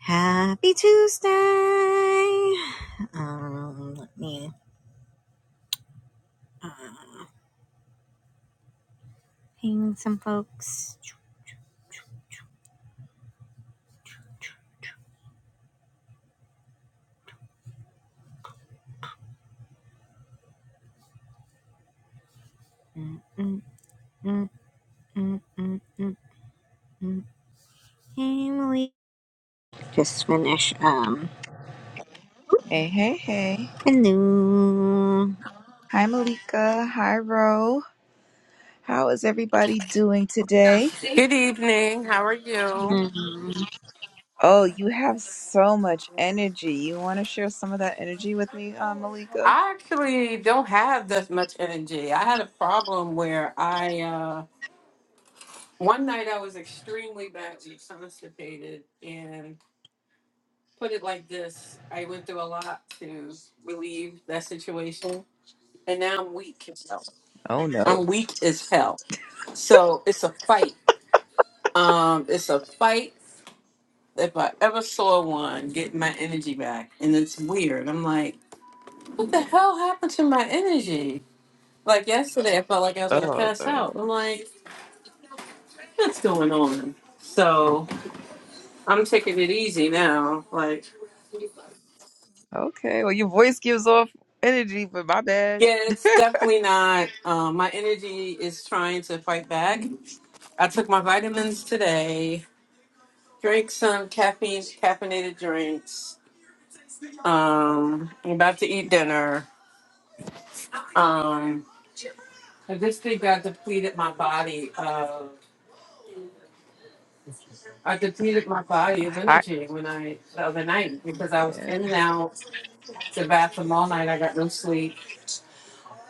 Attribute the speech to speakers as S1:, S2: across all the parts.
S1: Happy Tuesday! Um, let me ping some folks. Mm, mm, mm, mm, mm, mm, mm. Emily just finish um
S2: Hey, hey, hey.
S1: hello.
S2: Hi, Malika. Hi, Ro. How is everybody doing today?
S3: Good evening. How are you?
S1: Um,
S2: Oh, you have so much energy. You want to share some of that energy with me, uh, Malika?
S3: I actually don't have that much energy. I had a problem where I uh one night I was extremely badly constipated and put it like this, I went through a lot to relieve that situation and now I'm weak as hell.
S2: Oh, no.
S3: I'm weak as hell. So it's a fight. Um it's a fight if I ever saw one getting my energy back and it's weird. I'm like, what the hell happened to my energy? Like yesterday, I felt like I was gonna
S2: Oh,
S3: pass
S2: no.
S3: out. I'm like, what's going on? So I'm taking it easy now. Like,
S2: Okay. Well, your voice gives off energy, but my bad.
S3: yeah, it's definitely not. Um, my energy is trying to fight back. I took my vitamins today. Drank some caffeine, caffeinated drinks. Um, I'm about to eat dinner. Um, I just think I depleted my body of. I depleted my body of
S2: Hi-
S3: energy when I the other night because I was
S2: yeah.
S3: in and out to bathroom all night. I got no sleep.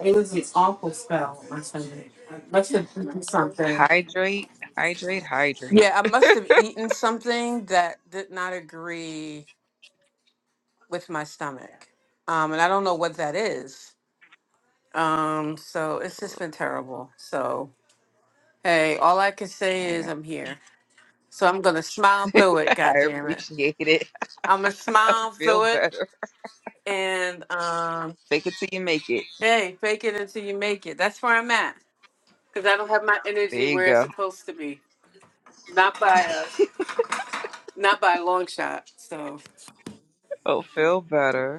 S3: It was an awful spell on my stomach. I must have eaten something.
S2: Hydrate, hydrate, hydrate.
S3: Yeah, I must have eaten something that did not agree with my stomach. Um, and I don't know what that is. Um, so it's just
S2: Ugh,
S3: been terrible. So hey, all I can say
S2: I
S3: is
S2: got
S3: I'm here. So I'm gonna smile through it, god
S2: I
S3: damn it.
S2: appreciate it.
S3: I'm gonna
S2: I
S3: smile
S2: feel
S3: through it
S2: better.
S3: and um
S2: Fake it till you make it.
S3: hey, fake it until you make it. That's where I'm at. Because I don't have my
S2: There
S3: energy
S2: you
S3: where it's
S2: go.
S3: supposed to be. Not by a not by a long shot. So
S2: oh, feel better.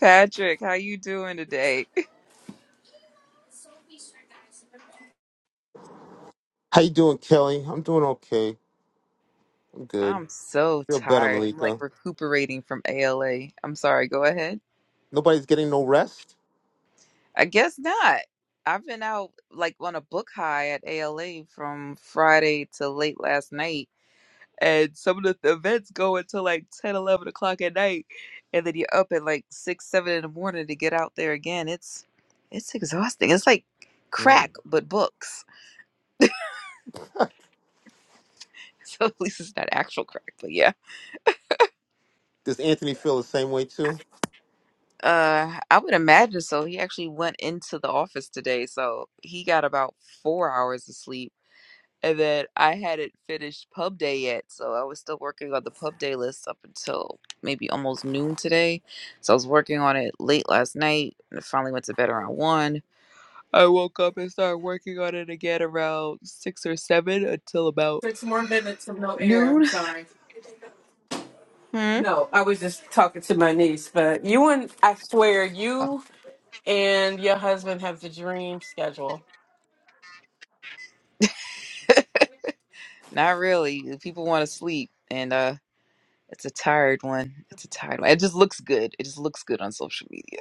S2: Patrick, how you doing today?
S4: How you doing, Kelly? I'm doing okay. I'm good.
S2: I'm so
S4: Feel better,
S2: tired. I'm like
S4: Malika.
S2: recuperating from ALA. I'm sorry, go ahead.
S4: Nobody's getting no rest.
S2: I guess not. I've been out like on a book high at ALA from Friday to late last night. And some of the th- events go until like 10, 11 o'clock at night. And then you're up at like 6, 7 in the morning to get out there again. It's it's exhausting. It's like
S4: Mm.
S2: crack, but books. So at least it's not actual crack, but yeah.
S4: Does Anthony feel the same way too?
S2: Uh, I would imagine so. He actually went into the office today, so he got about four hours of sleep. And then I hadn't finished pub day yet, so I was still working on the pub day list up until maybe almost noon today. So I was working on it late last night and I finally went to bed around one. I woke up and started working on it again around six or seven until about
S3: six more minutes of no air. I'm
S2: noon.
S3: sorry.
S2: Hmm?
S3: No, I was just talking to my niece, but you and I swear you and your husband have the dream schedule.
S2: Not really. People want to sleep, and uh It's a tired one. It's a tired one. It just looks good. It just looks good on social media.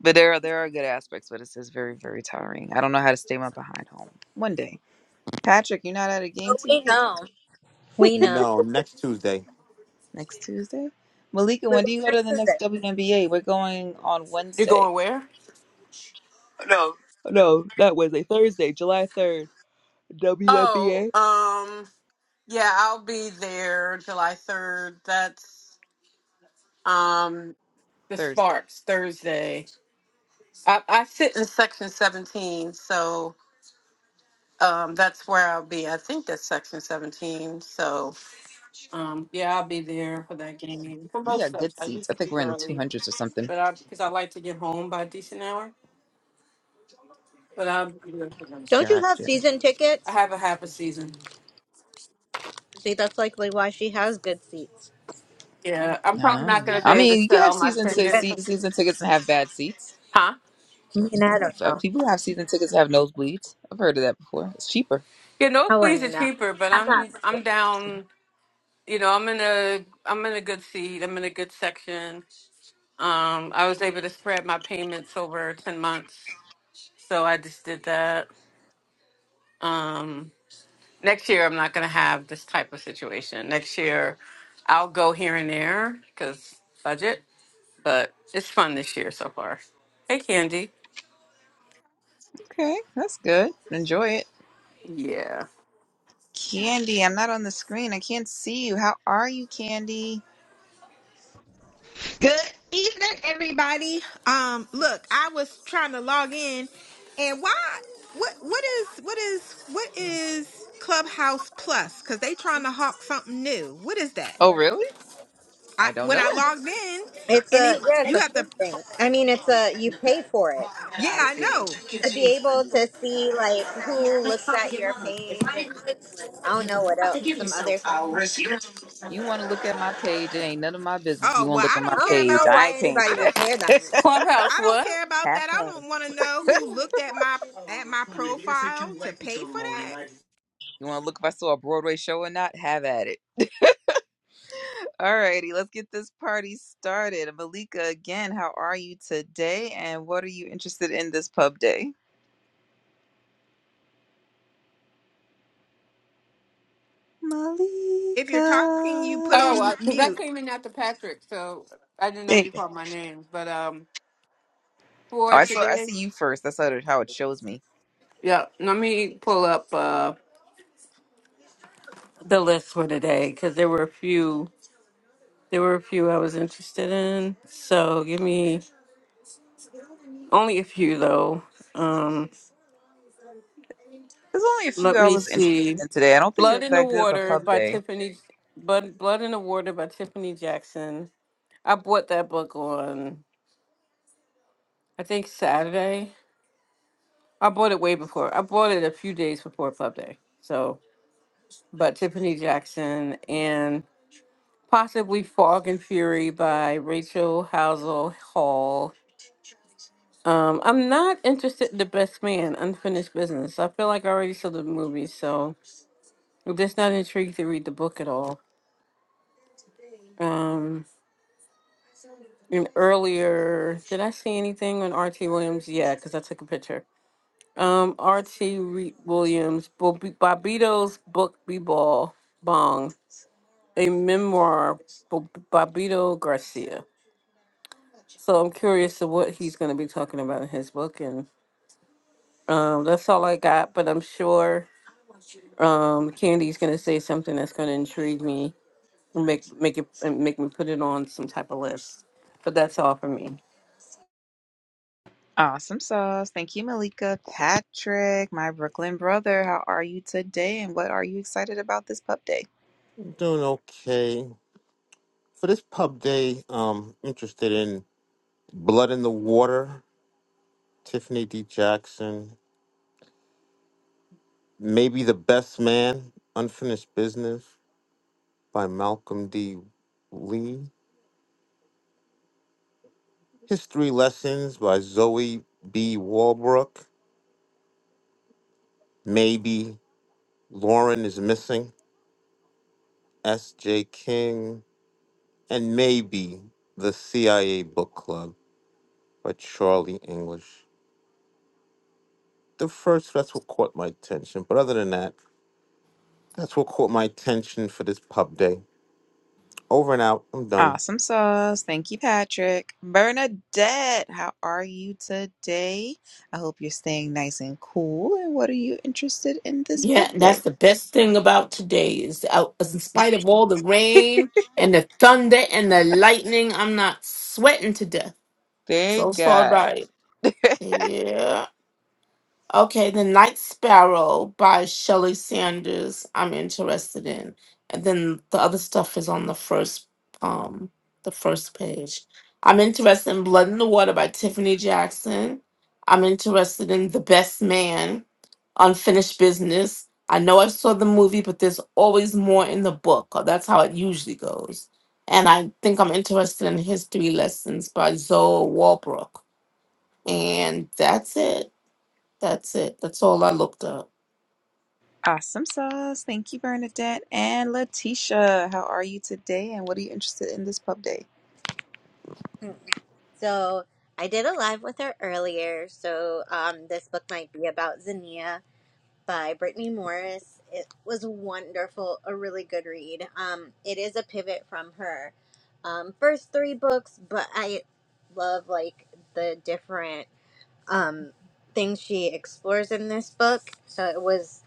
S2: But there are there are good aspects, but it's just very, very tiring. I don't know how to stay my behind home. One day. Patrick, you're not at a
S1: Oh,
S2: game
S1: we
S2: tonight?
S1: know. We know.
S4: No. Next Tuesday.
S2: Next Tuesday? Malika,
S1: Wait,
S2: when do you
S1: what's
S2: go to
S1: next
S2: the
S1: is
S2: next
S1: it?
S2: WNBA? We're going on
S3: You're
S2: Wednesday.
S3: going where? No,
S2: Oh, No, not Wednesday. Thursday, July third.
S3: Oh,
S2: WNBA?
S3: um, yeah, I'll be there July 3rd. That's um the
S2: Thursday.
S3: Sparks Thursday. I, I sit in section 17, so um that's where I'll be. I think that's section 17. So Um, yeah, I'll be there for that game. For
S2: Yeah,
S3: most of us,
S2: good
S3: I
S2: seats.
S3: used
S2: I
S3: to
S2: think
S3: leave
S2: we're in the two
S3: early,
S2: hundreds or something.
S3: but I because I like to get home by a decent hour. But I'll be there for those.
S1: Don't you have
S2: Gotcha.
S1: season
S3: I
S1: tickets?
S3: have a half a season.
S1: See, that's likely why she has good seats.
S3: Yeah, I'm probably
S2: No.
S3: not gonna be
S2: I
S3: able to
S2: mean you can have
S3: sell my
S2: season
S1: You
S2: six,
S3: ticket.
S1: bet.
S2: se- season tickets and have bad seats.
S3: Huh?
S1: I mean, I don't
S2: So uh,
S1: know.
S2: people who have season tickets have nosebleeds. I've heard of that before. It's cheaper.
S3: Yeah, those
S1: Oh,
S3: please are
S1: I'm not.
S3: cheaper, but
S1: I'm not.
S3: I'm I'm down. You know, I'm in a I'm in a good seat. I'm in a good section. Um, I was able to spread my payments over ten months, so I just did that. Um. next year I'm not going to have this type of situation. Next year I'll go here and there because budget, but it's fun this year so far. Hey, Candy.
S2: Okay, that's good. Enjoy it.
S3: Yeah.
S2: Candy, I'm not on the screen. I can't see you. How are you, Candy?
S5: Good evening, everybody. Um, look, I was trying to log in, and why? What? What is? What is? What is Clubhouse Plus? Because they trying to hawk something new. What is that?
S2: Oh, really?
S5: I
S2: I don't
S5: when
S2: know.
S5: I logged in,
S1: It's
S5: and
S1: a
S5: you
S1: yeah. It's
S5: you
S1: a
S5: have
S1: free
S5: to.
S1: thing. I mean, it's a you pay for it.
S5: Yeah, I know.
S1: to be able to see like who looks at your page and I don't know what else, some other things.
S2: You want to look at my page? It ain't none of my business. You
S5: Oh
S2: want to
S5: well,
S2: look
S5: I
S2: at
S1: I
S2: my
S5: don't care
S1: don't
S2: page?
S1: know
S5: about.
S2: I
S1: why
S2: ain't paying
S1: anybody
S2: for
S5: I
S1: would
S2: that.
S5: don't.
S1: care that much.
S3: Clubhouse,
S5: I don't
S3: what?
S5: care about
S2: have
S5: that. I
S2: fun.
S5: don't want to know who looked at my
S3: Oh,
S5: at my profile to pay for that.
S2: You want to look if I saw a Broadway show or not? Have at it. Alrighty, let's get this party started. Malika, again, how are you today? And what are you interested in this pub day? Malika.
S5: If you're talking, you put on
S3: uh 'cause I
S5: mute.
S3: came in after Patrick, so I didn't know
S2: Hey,
S3: you called my name. But um,
S2: oh,
S3: for
S2: I saw. I
S3: today,
S2: see you first. That's how it, how it shows me.
S3: yeah, let me pull up uh the list for today because there were a few. There were a few I was interested in, so give me only a few though. Um,
S2: There's only a few
S3: let
S2: I
S3: me
S2: was interested
S3: see.
S2: in today. I don't think it
S3: Blood
S2: was
S3: in the
S2: that good of a
S3: Water
S2: pub
S3: by
S2: day.
S3: Tiffany, Blood, Blood in the Water by Tiffany Jackson. I bought that book on, I think Saturday. I bought it way before. I bought it a few days before Club Day. So, but Tiffany Jackson and possibly Fog and Fury by Rachel Housel Hall Um, I'm not interested in The Best Man, Unfinished Business. I feel like I already saw the movie, so I'm just not intrigued to read the book at all. Um, and earlier, did I see anything on R.T. Williams? Yeah, because I took a picture. Um, R.T. Re- Williams, Bob- Bobito's book, B-Ball, Bong, a memoir, Bob- Bobito Garcia. So I'm curious to what he's going to be talking about in his book, and um, that's all I got, but I'm sure Um, Candy's gonna say something that's gonna intrigue me, and make make it and make me put it on some type of list. But that's all for me.
S2: Awesome sauce. Thank you, Malika, Patrick, my Brooklyn brother. How are you today? And what are you excited about this pub day?
S4: I'm doing okay. For this pub day, um, interested in Blood in the Water, Tiffany D. Jackson, maybe the Best Man, Unfinished Business by Malcolm D. Lee, History Lessons by Zoe B. Walbrook, maybe Lauren is missing. S.J. King, and maybe The CIA Book Club by Charlie English. The first, that's what caught my attention. But other than that, that's what caught my attention for this pub day. Over and out. I'm done.
S2: Awesome sauce. Thank you, Patrick. Bernadette, how are you today? I hope you're staying nice and cool. And what are you interested in this pub
S6: Yeah, and
S2: day?
S6: that's the best thing about today is out, in spite of all the rain and the thunder and the lightning, I'm not sweating to death. So
S2: Big
S6: it's all
S2: God.
S6: right. Yeah. Okay, The Night Sparrow by Shelley Sanders, I'm interested in. And then the other stuff is on the first um the first page. I'm interested in Blood in the Water by Tiffany Jackson. I'm interested in The Best Man, Unfinished Business. I know I saw the movie, but there's always more in the book, or that's how it usually goes. And I think I'm interested in History Lessons by Zoe Walbrook. And that's it. That's it. That's all I looked up.
S2: Awesome sauce. Thank you, Bernadette and Letitia. How are you today? And what are you interested in this pub day?
S1: So I did a live with her earlier. So um, this book might be about Xenia by Brittany Morris. It was wonderful, a really good read. Um, it is a pivot from her um, first three books, but I love like the different. um, things she explores in this book. So it was,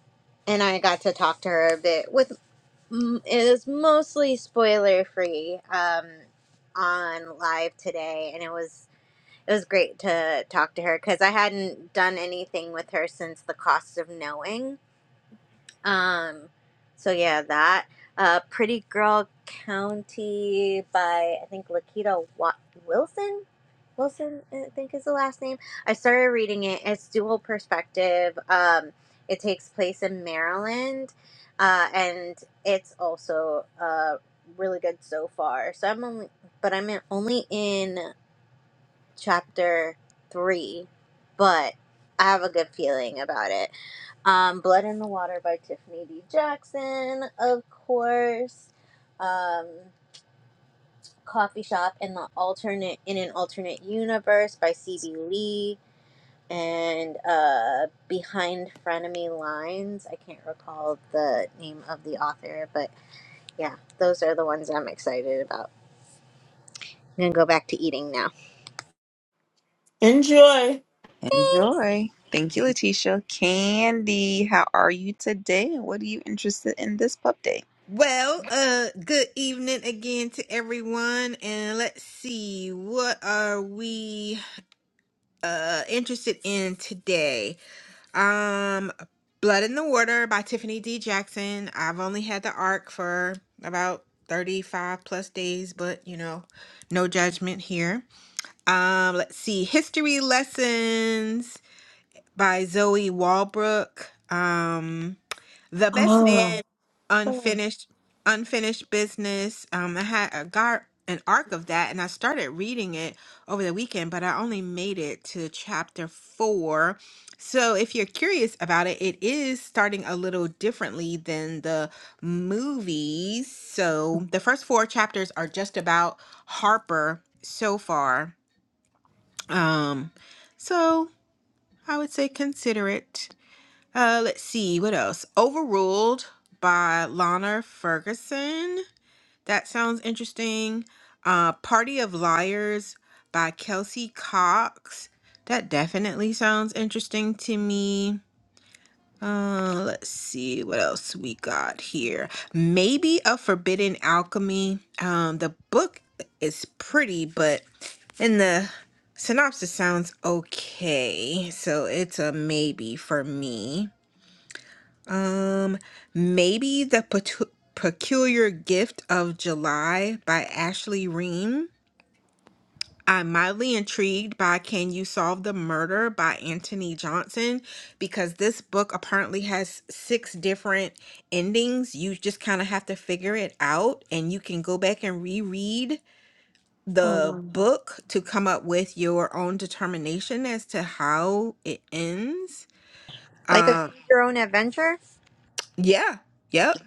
S1: and I got to talk to her a bit with. mm, It was mostly spoiler free um, on live today, and it was it was great to talk to her because I hadn't done anything with her since the cost of knowing um, so yeah, that uh, "Pretty Girl County" by I think Lakita Wa- Wilson. Wilson, I think is the last name. I started reading it. It's dual perspective. Um, it takes place in Maryland, uh, and it's also uh, really good so far. So I'm only, but I'm in, only in chapter three, but I have a good feeling about it. Um, Blood in the Water by Tiffany D. Jackson, of course. Um, Coffee Shop in the alternate in an alternate universe by C.B. Lee, and uh, Behind Frenemy Lines. I can't recall the name of the author, but yeah, those are the ones I'm excited about. I'm gonna go back to eating now.
S6: Enjoy.
S1: Thanks.
S2: Enjoy. Thank you, Letitia. Candy, how are you today? And what are you interested in this pub day?
S5: Well, uh, good evening again to everyone, and let's see what are we uh interested in today. Um, Blood in the Water by Tiffany D. Jackson. I've only had the arc for about 35 plus days, but you know, no judgment here. Um, let's see History Lessons by Zoe Walbrook. Um, the Best
S6: Oh,
S5: Man,
S6: oh, ah.
S5: Unfinished, Unfinished Business. Um, I had a gar an arc of that, and I started reading it over the weekend, but I only made it to chapter four. So, if you're curious about it, it is starting a little differently than the movies. So, the first four chapters are just about Harper so far. Um, so I would say consider it. Uh, let's see what else. Overruled by Lana Ferguson. That sounds interesting. Uh, Party of Liars by Kelsey Cox. That definitely sounds interesting to me. Uh, let's see what else we got here. Maybe a Forbidden Alchemy. Um, the book is pretty, but in the synopsis sounds okay, so it's a maybe for me. Um, maybe the Petu- Peculiar Gift of July by Ashley Ream. I'm mildly intrigued by Can You Solve the Murder by Anthony Johnson because this book apparently has six different endings. You just kind of have to figure it out and you can go back and reread
S6: oh
S5: the book to come up with your own determination as to how it ends.
S1: Like a
S5: Uh
S1: Choose your own adventure.
S5: yeah, yep.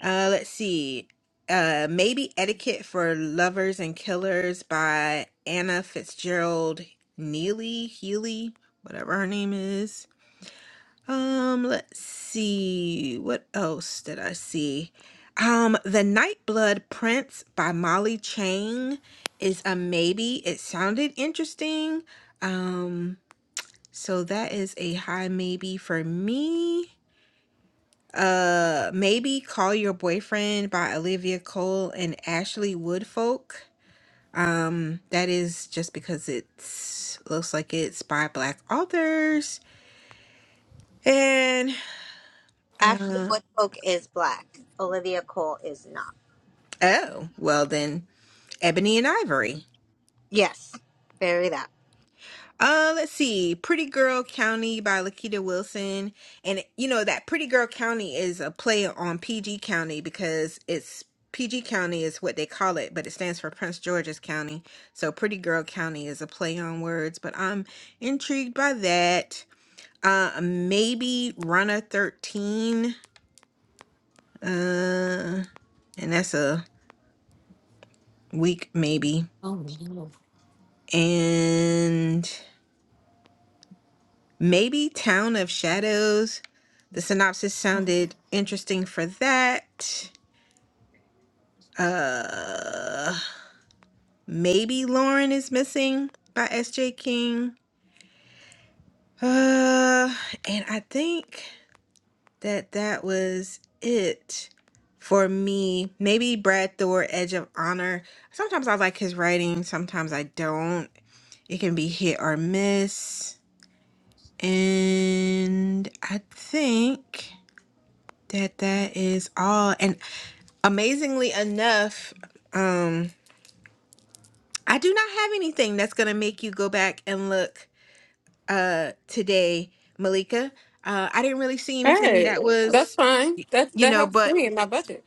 S5: Uh, let's see. Uh, Maybe Etiquette for Lovers and Killers by Anna Fitzgerald Neely, Healy, whatever her name is. Um, let's see. What else did I see? Um, The Nightblood Prince by Molly Chang is a maybe. It sounded interesting. Um, so that is a high maybe for me. Uh, maybe Call Your Boyfriend by Olivia Cole and Ashley Woodfolk. Um, that is just because it looks like it's by Black authors. And,
S1: Ashley
S5: uh,
S1: Woodfolk is black. Olivia Cole is not.
S5: oh, well then, Ebony and Ivory.
S1: Yes, bury that.
S5: Uh, let's see. Pretty Girl County by Lakita Wilson. And you know that Pretty Girl County is a play on PG County because it's PG County is what they call it, but it stands for Prince George's County. So Pretty Girl County is a play on words, but I'm intrigued by that. Uh maybe Runner 13. Uh and that's a week maybe.
S6: no.
S5: And Maybe Town of Shadows. The synopsis sounded interesting for that. Uh, maybe Lauren is missing by S.J. King. Uh, and I think that that was it for me. Maybe Brad Thor, Edge of Honor. Sometimes I like his writing, sometimes I don't. It can be hit or miss. And I think that that is all. And amazingly enough, um, I do not have anything that's gonna make you go back and look uh today, Malika. Uh I didn't really see anything
S3: Hey,
S5: that
S3: that's
S5: was,
S3: fine. That
S5: you
S3: that
S5: know,
S3: helps
S5: but
S3: me in my budget.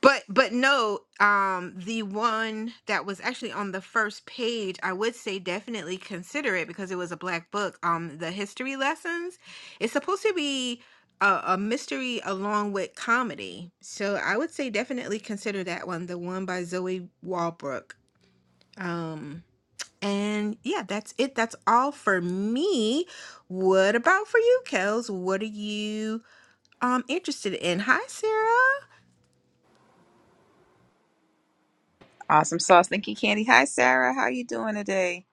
S5: but but no, um the one that was actually on the first page, I would say definitely consider it because it was a black book. Um the history lessons. It's supposed to be a, a mystery along with comedy. So I would say definitely consider that one, the one by Zoe Walbrook Um, and yeah, that's it. That's all for me. What about for you, Kels? What are you um interested in? Hi, Sarah.
S2: Awesome sauce. Thank you, Candy. Hi, Sarah. How are you doing today?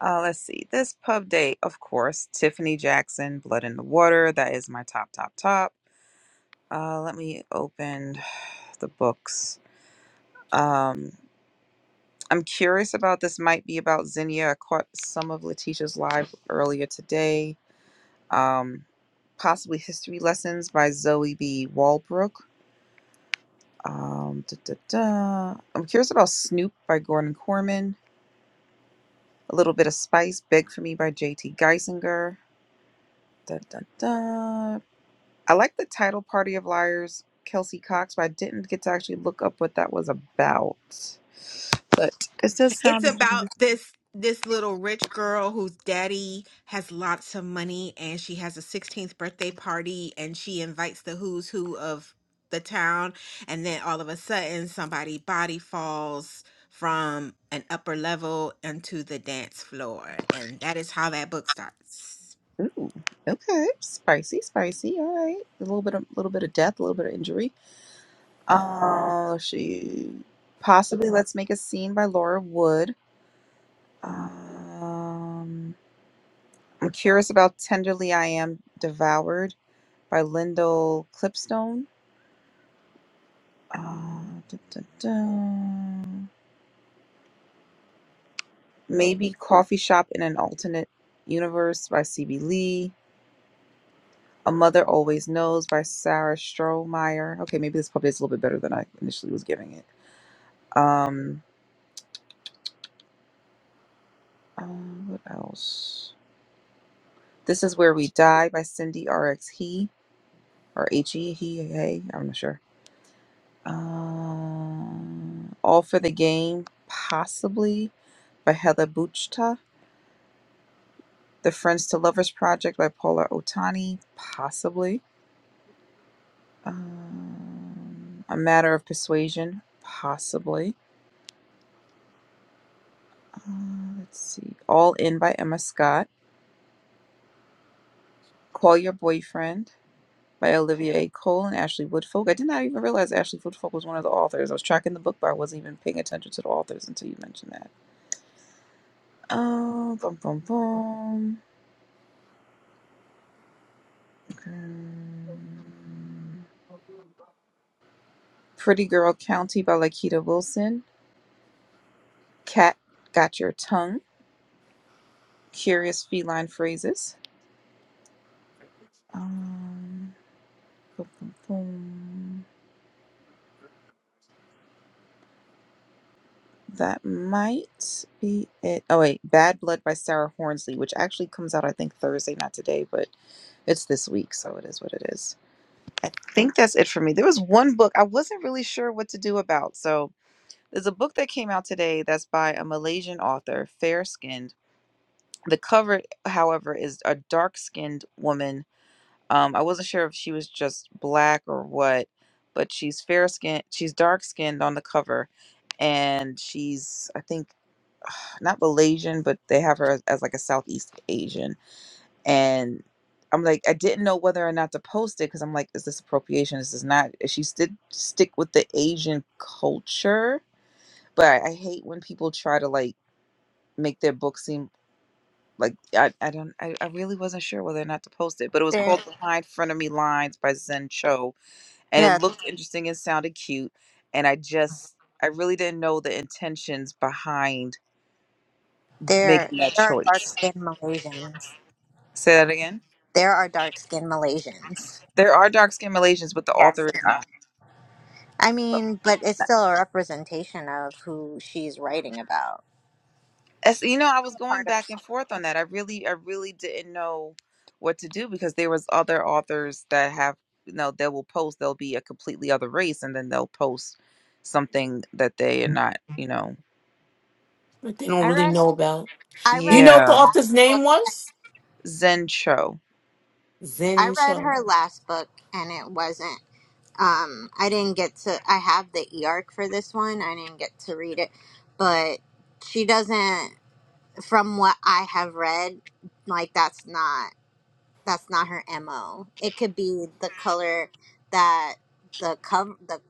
S2: Uh, let's see. This pub day, of course, Tiffany Jackson, Blood in the Water. That is my top, top, top. Uh, let me open the books. Um, I'm curious about this. Might be about Zinnia. I caught some of Letitia's live earlier today. Um, possibly history lessons by Zoe B. Walbrook. Um, da, da, da. I'm curious about Snoop by Gordon Corman. A little bit of Spice, Big for Me by J.T. Geisinger. Da, da, da. I like the title Party of Liars, Kelsey Cox, but I didn't get to actually look up what that was about. But it does
S5: It's
S2: sound interesting.
S5: about this this little rich girl whose daddy has lots of money and she has a 16th birthday party and she invites the who's who of the town and then all of a sudden somebody body falls from an upper level into the dance floor and that is how that book starts.
S2: Ooh, okay. Spicy, spicy. All right. A little bit of little bit of death, a little bit of injury. Uh she possibly Let's Make a Scene by Laura Wood. Um I'm curious about Tenderly I Am Devoured by Lyndall Clipstone. Uh, dun, dun, dun. Maybe Coffee Shop in an Alternate Universe by C.B. Lee. A Mother Always Knows by Sarah Strohmeyer. Okay, maybe this probably is a little bit better than I initially was giving it. Um, uh, what else? This is Where We Die by Cindy RX He or H E He Hey. I'm not sure. Uh, All for the Game, possibly by Heather Buchta. The Friends to Lovers Project by Paula Otani, possibly. Um, A Matter of Persuasion, possibly. Uh, let's see. All In by Emma Scott. Call Your Boyfriend by Olivia A. Cole and Ashley Woodfolk. I did not even realize Ashley Woodfolk was one of the authors. I was tracking the book, but I wasn't even paying attention to the authors until you mentioned that. Um, bum, bum, bum. Mm. Pretty Girl County by Lakita Wilson. Cat Got Your Tongue. Curious Feline Phrases. Um, bum, bum, bum. That might be it. Oh wait, Bad Blood by Sarah Hornsley, which actually comes out I think Thursday, not today, but it's this week, so it is what it is. I think that's it for me. There was one book I wasn't really sure what to do about. So there's a book that came out today that's by a Malaysian author, Fair Skinned. The cover, however, is a dark skinned woman. Um, I wasn't sure if she was just black or what, but she's fair skinned. She's dark skinned on the cover, and she's I think not Malaysian, but they have her as, as like a Southeast Asian. And I'm like, I didn't know whether or not to post it because I'm like, is this appropriation? Is this not? She did stick with the Asian culture, but I, I hate when people try to like make their book seem like I, I don't I, I really wasn't sure whether or not to post it, but it was
S1: There.
S2: called Behind Frenemy Lines by Zen Cho, and
S1: Yeah,
S2: it looked Mhm. interesting and sounded cute, and I just I really didn't know the intentions behind
S1: There,
S2: making that
S1: there are dark
S2: choice.
S1: skinned Malaysians.
S2: Say that again.
S1: There are dark skinned Malaysians.
S2: There are dark skinned Malaysians, but the
S1: Yes,
S2: author
S1: there
S2: is
S1: are.
S2: not.
S1: I
S2: So,
S1: mean, but it's still a representation of who she's writing about.
S2: As, you know, I was
S1: A
S2: going
S1: Part of
S2: back and forth on that. I really, I really didn't know what to do because there was other authors that have, you know, they will post. They'll be a completely other race, and then they'll post something that they are not. You know,
S6: But they don't
S1: I
S6: really
S1: read,
S6: know about.
S1: I
S6: Do you
S1: read
S6: know
S1: her
S6: what the
S2: yeah,
S1: last
S6: author's
S1: book.
S6: name was?
S2: Zen Cho.
S1: I
S6: Zen
S1: read
S6: Show.
S1: her last book, and it wasn't. Um, I didn't get to. I have the e arc for this one. I didn't get to read it, but she doesn't. From what I have read, like that's not. that's not her MO. It could be the color that the cover the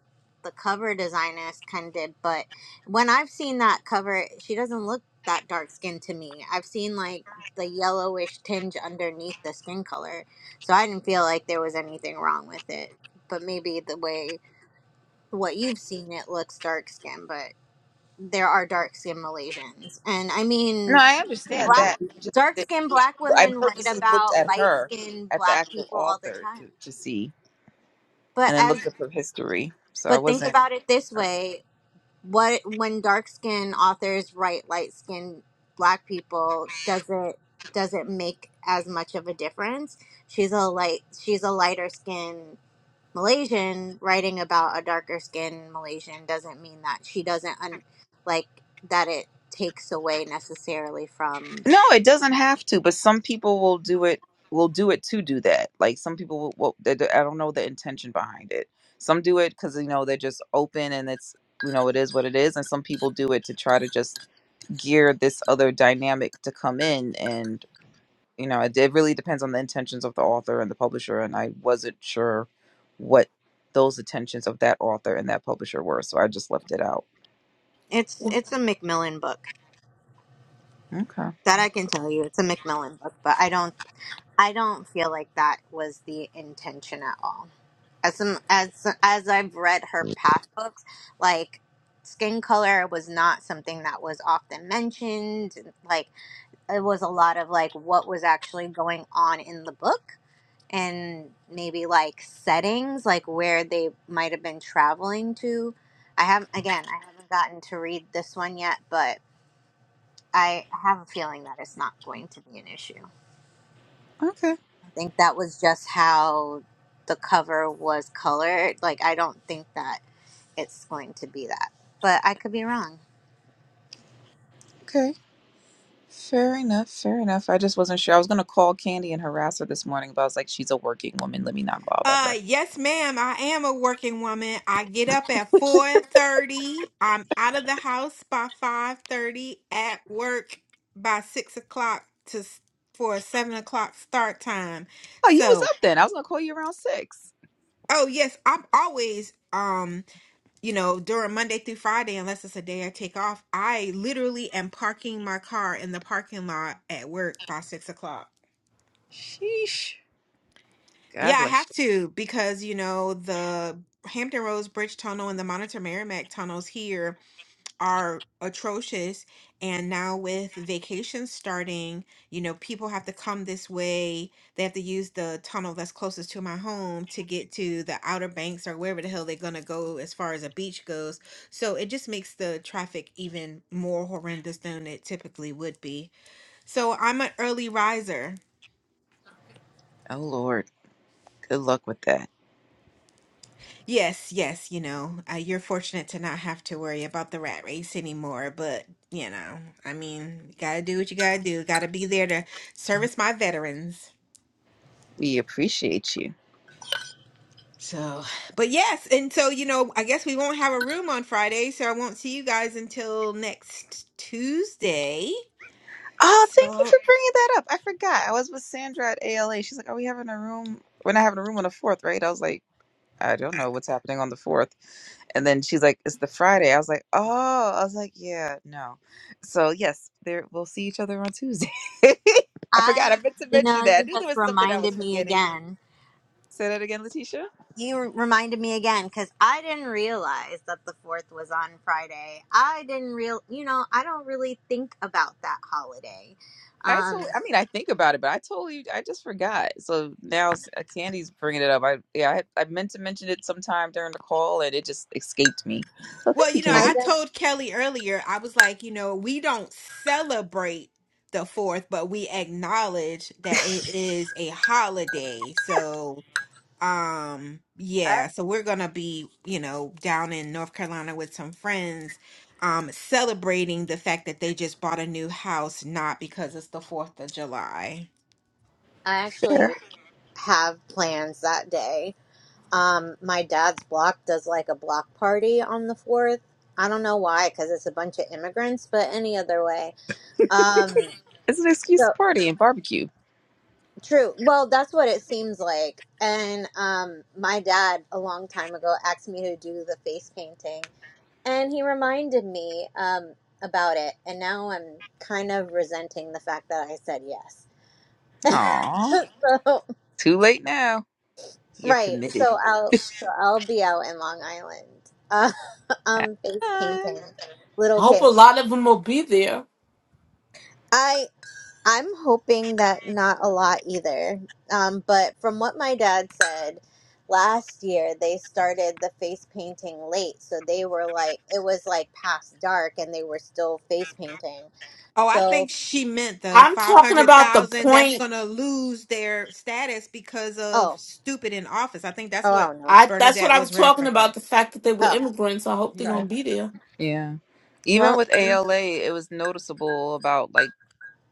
S1: the cover designers kind of did, but when I've seen that cover, she doesn't look that dark skinned to me. I've seen like the yellowish tinge underneath the skin color, so I didn't feel like there was anything wrong with it. But maybe the way what you've seen it looks dark skinned, but there are dark skinned Malaysians, and I
S2: No,
S1: mean
S2: I understand
S1: black
S2: that. I just,
S1: dark
S2: did-
S1: skinned black
S2: I
S1: women write
S2: purposely looked
S1: about
S2: at
S1: light
S2: her,
S1: skinned
S2: at the
S1: black
S2: actual
S1: people all the
S2: author,
S1: time
S2: to to see,
S1: but
S2: and then
S1: as
S2: looked up her history. So I
S1: but think
S2: wasn't.
S1: about it this
S2: sure.
S1: way what when dark skinned authors write light skinned black people does it does it make as much of a difference she's a light she's a lighter skinned malaysian writing about a darker skinned malaysian doesn't mean that she doesn't un, like that it takes away necessarily from
S2: No, it doesn't have to, but some people will do it will do it to do that. Like some people will, will they, do- I don't know the intention behind it. Some do it cuz you know they're just open and it's you know it is what it is and some people do it to try to just gear this other dynamic to come in and you know it, it really depends on the intentions of the author and the publisher and I wasn't sure what those intentions of that author and that publisher were, so I just left it out.
S1: it's
S6: Well,
S1: it's a macmillan book
S2: Okay.
S1: That I can tell you. It's a Macmillan book, but I don't I don't feel like that was the intention at all. As some, as as I've read her past books, like skin color was not something that was often mentioned. Like it was a lot of like what was actually going on in the book and maybe like settings, like where they might have been traveling to. I have again, I haven't gotten to read this one yet, but I have a feeling that it's not going to be an issue.
S2: Okay.
S1: think that was just how the cover was colored. Like, I don't think that it's going to be that, but I could be wrong.
S2: Okay. Fair enough, fair enough. I just wasn't sure. I was gonna call Candy and harass her this morning, but I was like, she's a working woman. Let me not bother
S5: Uh,
S2: her.
S5: yes, ma'am. I am a working woman. I get up at 4:30. I'm out of the house by 5:30. At work by six o'clock to s- for a seven o'clock start time.
S2: Oh, you was
S5: So,
S2: up then. I was gonna call you around six.
S5: oh yes, I'm always um, you know, during Monday through Friday, unless it's a day I take off, I literally am parking my car in the parking lot at work by six o'clock.
S2: Sheesh. God
S5: Yeah, I
S2: bless
S5: have
S2: you.
S5: to because you know the Hampton Roads Bridge Tunnel and the Monitor Merrimack tunnels here are atrocious. And now with vacations starting, you know, people have to come this way. They have to use the tunnel that's closest to my home to get to the Outer Banks or wherever the hell they're gonna go as far as a beach goes. So it just makes the traffic even more horrendous than it typically would be. So I'm an early riser.
S2: Oh Lord, good luck with that.
S5: Yes, yes, you know, uh, you're fortunate to not have to worry about the rat race anymore, but you know, I mean, you gotta do what you gotta do. Gotta be there to service my veterans.
S2: We appreciate you.
S5: So, but yes, and so, you know, I guess we won't have a room on Friday, so I won't see you guys until next Tuesday.
S2: Oh, thank you
S5: So,
S2: for bringing that up. I forgot. I was with Sandra at ALA. She's like, "Are we having a room? We're not having a room on the fourth, right?" I was like. I don't know what's happening on the fourth. And then she's like, it's the Friday. I was like, oh, I was like, yeah, no. So yes, there we'll see each other on Tuesday. I forgot.
S1: I,
S2: I meant to
S1: you know,
S2: mention that. I
S1: you
S2: knew there
S1: just
S2: was something I was
S1: reminded me
S2: forgetting.
S1: again.
S2: Say that again, Letitia.
S1: You reminded me again because I didn't realize that the fourth was on Friday. I didn't real, you know, I don't really think about that holiday.
S2: I
S1: Um,
S2: told. I mean, I think about it, but I totally, I just forgot. So now s- uh, Candy's bringing it up. I yeah, I, had, I meant to mention it sometime during the call, and it just escaped me. So
S5: well,
S2: thank you,
S5: you know,
S1: my
S5: I
S2: Candy.
S5: told Kelly earlier, I was like, you know, we don't celebrate the 4th, but we acknowledge that it is a holiday. So, um
S1: I
S5: yeah so we're gonna be you know down in north carolina with some friends um celebrating the fact that they just bought a new house not because it's the fourth of july
S2: Fair.
S1: actually have plans that day Um, my dad's block does like a block party on the 4th. I don't know why, because it's a bunch of immigrants, but any other way. Um,
S2: It's an excuse to
S1: so
S2: party and barbecue.
S1: true. Well, that's what it seems like. And um, my dad, a long time ago, asked me to do the face painting, and he reminded me um, about it. And now I'm kind of resenting the fact that I said yes.
S2: Aw,
S1: so
S2: too late now. You're
S1: Right.
S2: committed.
S1: So I'll so I'll be out in Long Island. Uh,
S2: had
S1: um, face
S2: fun.
S1: painting,
S6: I
S1: little
S6: hope a
S1: kid.
S6: lot of them will be there.
S1: I I'm hoping that not a lot either. Um, but from what my dad said last year, they started the face painting late, so they were like it was like past dark, and they were still face painting.
S5: oh i think
S1: So
S5: she meant the
S6: I'm talking about the
S5: 500000 that's
S6: point.
S5: gonna lose their status because of
S1: oh
S5: stupid in office i think that's
S1: oh I
S5: what
S1: don't know.
S6: I that's what
S5: bernadette
S6: I was
S5: was
S6: talking
S5: referencing
S6: about. The fact that they were
S1: Oh
S6: immigrants. I hope they're
S5: yeah
S6: gonna
S1: sure
S6: be there.
S2: Yeah. Even
S1: Well,
S2: with
S1: I
S2: ALA, it was noticeable about like,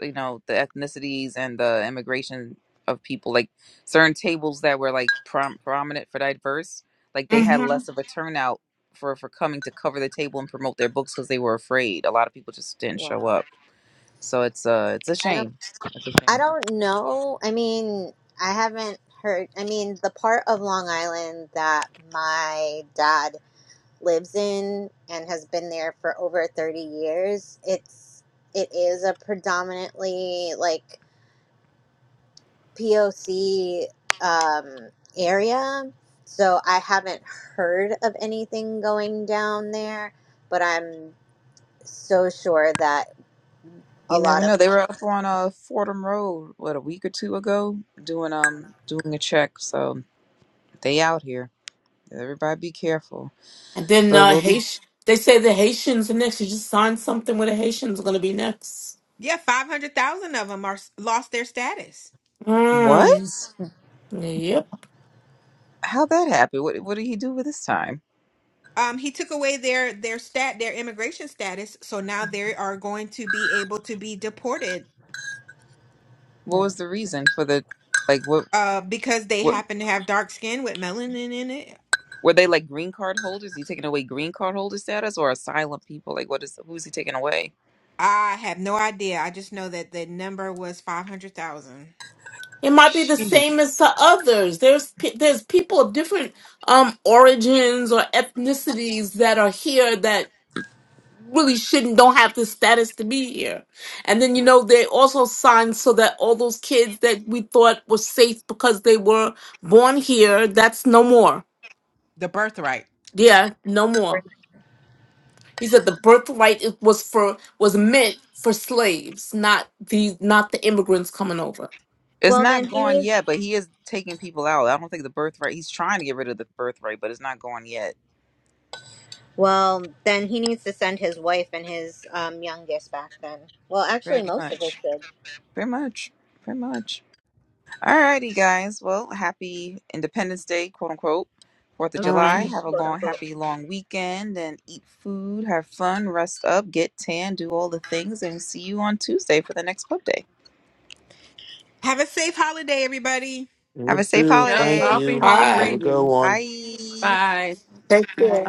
S2: you know, the ethnicities and the immigration of people. Like certain tables that were like prom- prominent for diverse, like they
S1: don't- mhm.
S2: had
S6: hmm
S2: less of a turnout for for coming to cover the table and promote their books because they were afraid. A lot of people just didn't show
S1: wow.
S2: up. So it's uh it's a
S1: I don't
S2: shame. It's a
S1: I
S2: shame.
S1: don't know. I mean, I haven't heard. I mean, the part of Long Island that my dad lives in and has been there for over 30 years, it's it is a predominantly like POC um area. So I haven't heard of anything going down there, but I'm so sure that a
S2: You never
S1: lot of
S2: know. They were up on uh Fordham Road what a week or two ago doing um doing a check. So they out here. Everybody be careful.
S6: And then
S2: But
S6: uh,
S2: we'll be
S6: Haitian. They say the Haitians are next. You just signed something where the Haitians are gonna be next.
S5: yeah 500000 of them are s- lost their status
S6: Mm.
S2: what?
S6: Yep.
S2: How'd that happen? What what did he do with his time?
S5: Um, he took away their their stat their immigration status, so now they are going to be able to be deported
S2: What
S1: Hmm.
S2: was the reason for the like what
S5: uh because they
S2: what
S5: happen to have dark skin with melanin in it.
S2: were they like green card holders? He taking away green card holder status or asylum people? Like what is who's he taking away?
S5: I have no idea. I just know that the number was 500,000.
S6: It might be the
S2: Shoot.
S6: same as to others. There's pe- there's people of different um, origins or ethnicities that are here that really shouldn't don't have the status to be here. And then you know they also signed so that all those kids that we thought were safe because they were born here, that's no more.
S5: The birthright.
S6: Yeah, no more. He said the birthright it was for was meant for slaves, not the not the immigrants coming over.
S2: It's
S1: Well,
S2: not
S1: then he needs
S2: gone yet, but he is taking people out. I don't think the birthright he's trying to get rid of the birthright, but it's not gone yet.
S1: Well, then he needs to send his wife and his um, youngest back then. Well,
S2: Very
S1: actually, most of his
S2: much.
S1: kids,
S2: Very much. Very much. Alrighty, guys. Well, happy Independence Day, quote unquote, Fourth of July.
S6: Mhm.
S2: Have a
S1: quote
S2: long,
S1: unquote.
S2: happy, long weekend, and eat food, have fun, rest up, get tan, do all the things, and see you on Tuesday for the next club day.
S5: Have a safe holiday everybody.
S2: Have
S4: You
S2: a safe
S4: too.
S3: Yes,
S4: Thank
S3: I'll
S2: holiday.
S3: be
S4: you.
S6: All
S3: home
S4: Have a
S6: right,
S4: good
S3: reading.
S4: one.
S2: Bye.
S3: Bye.
S6: take care.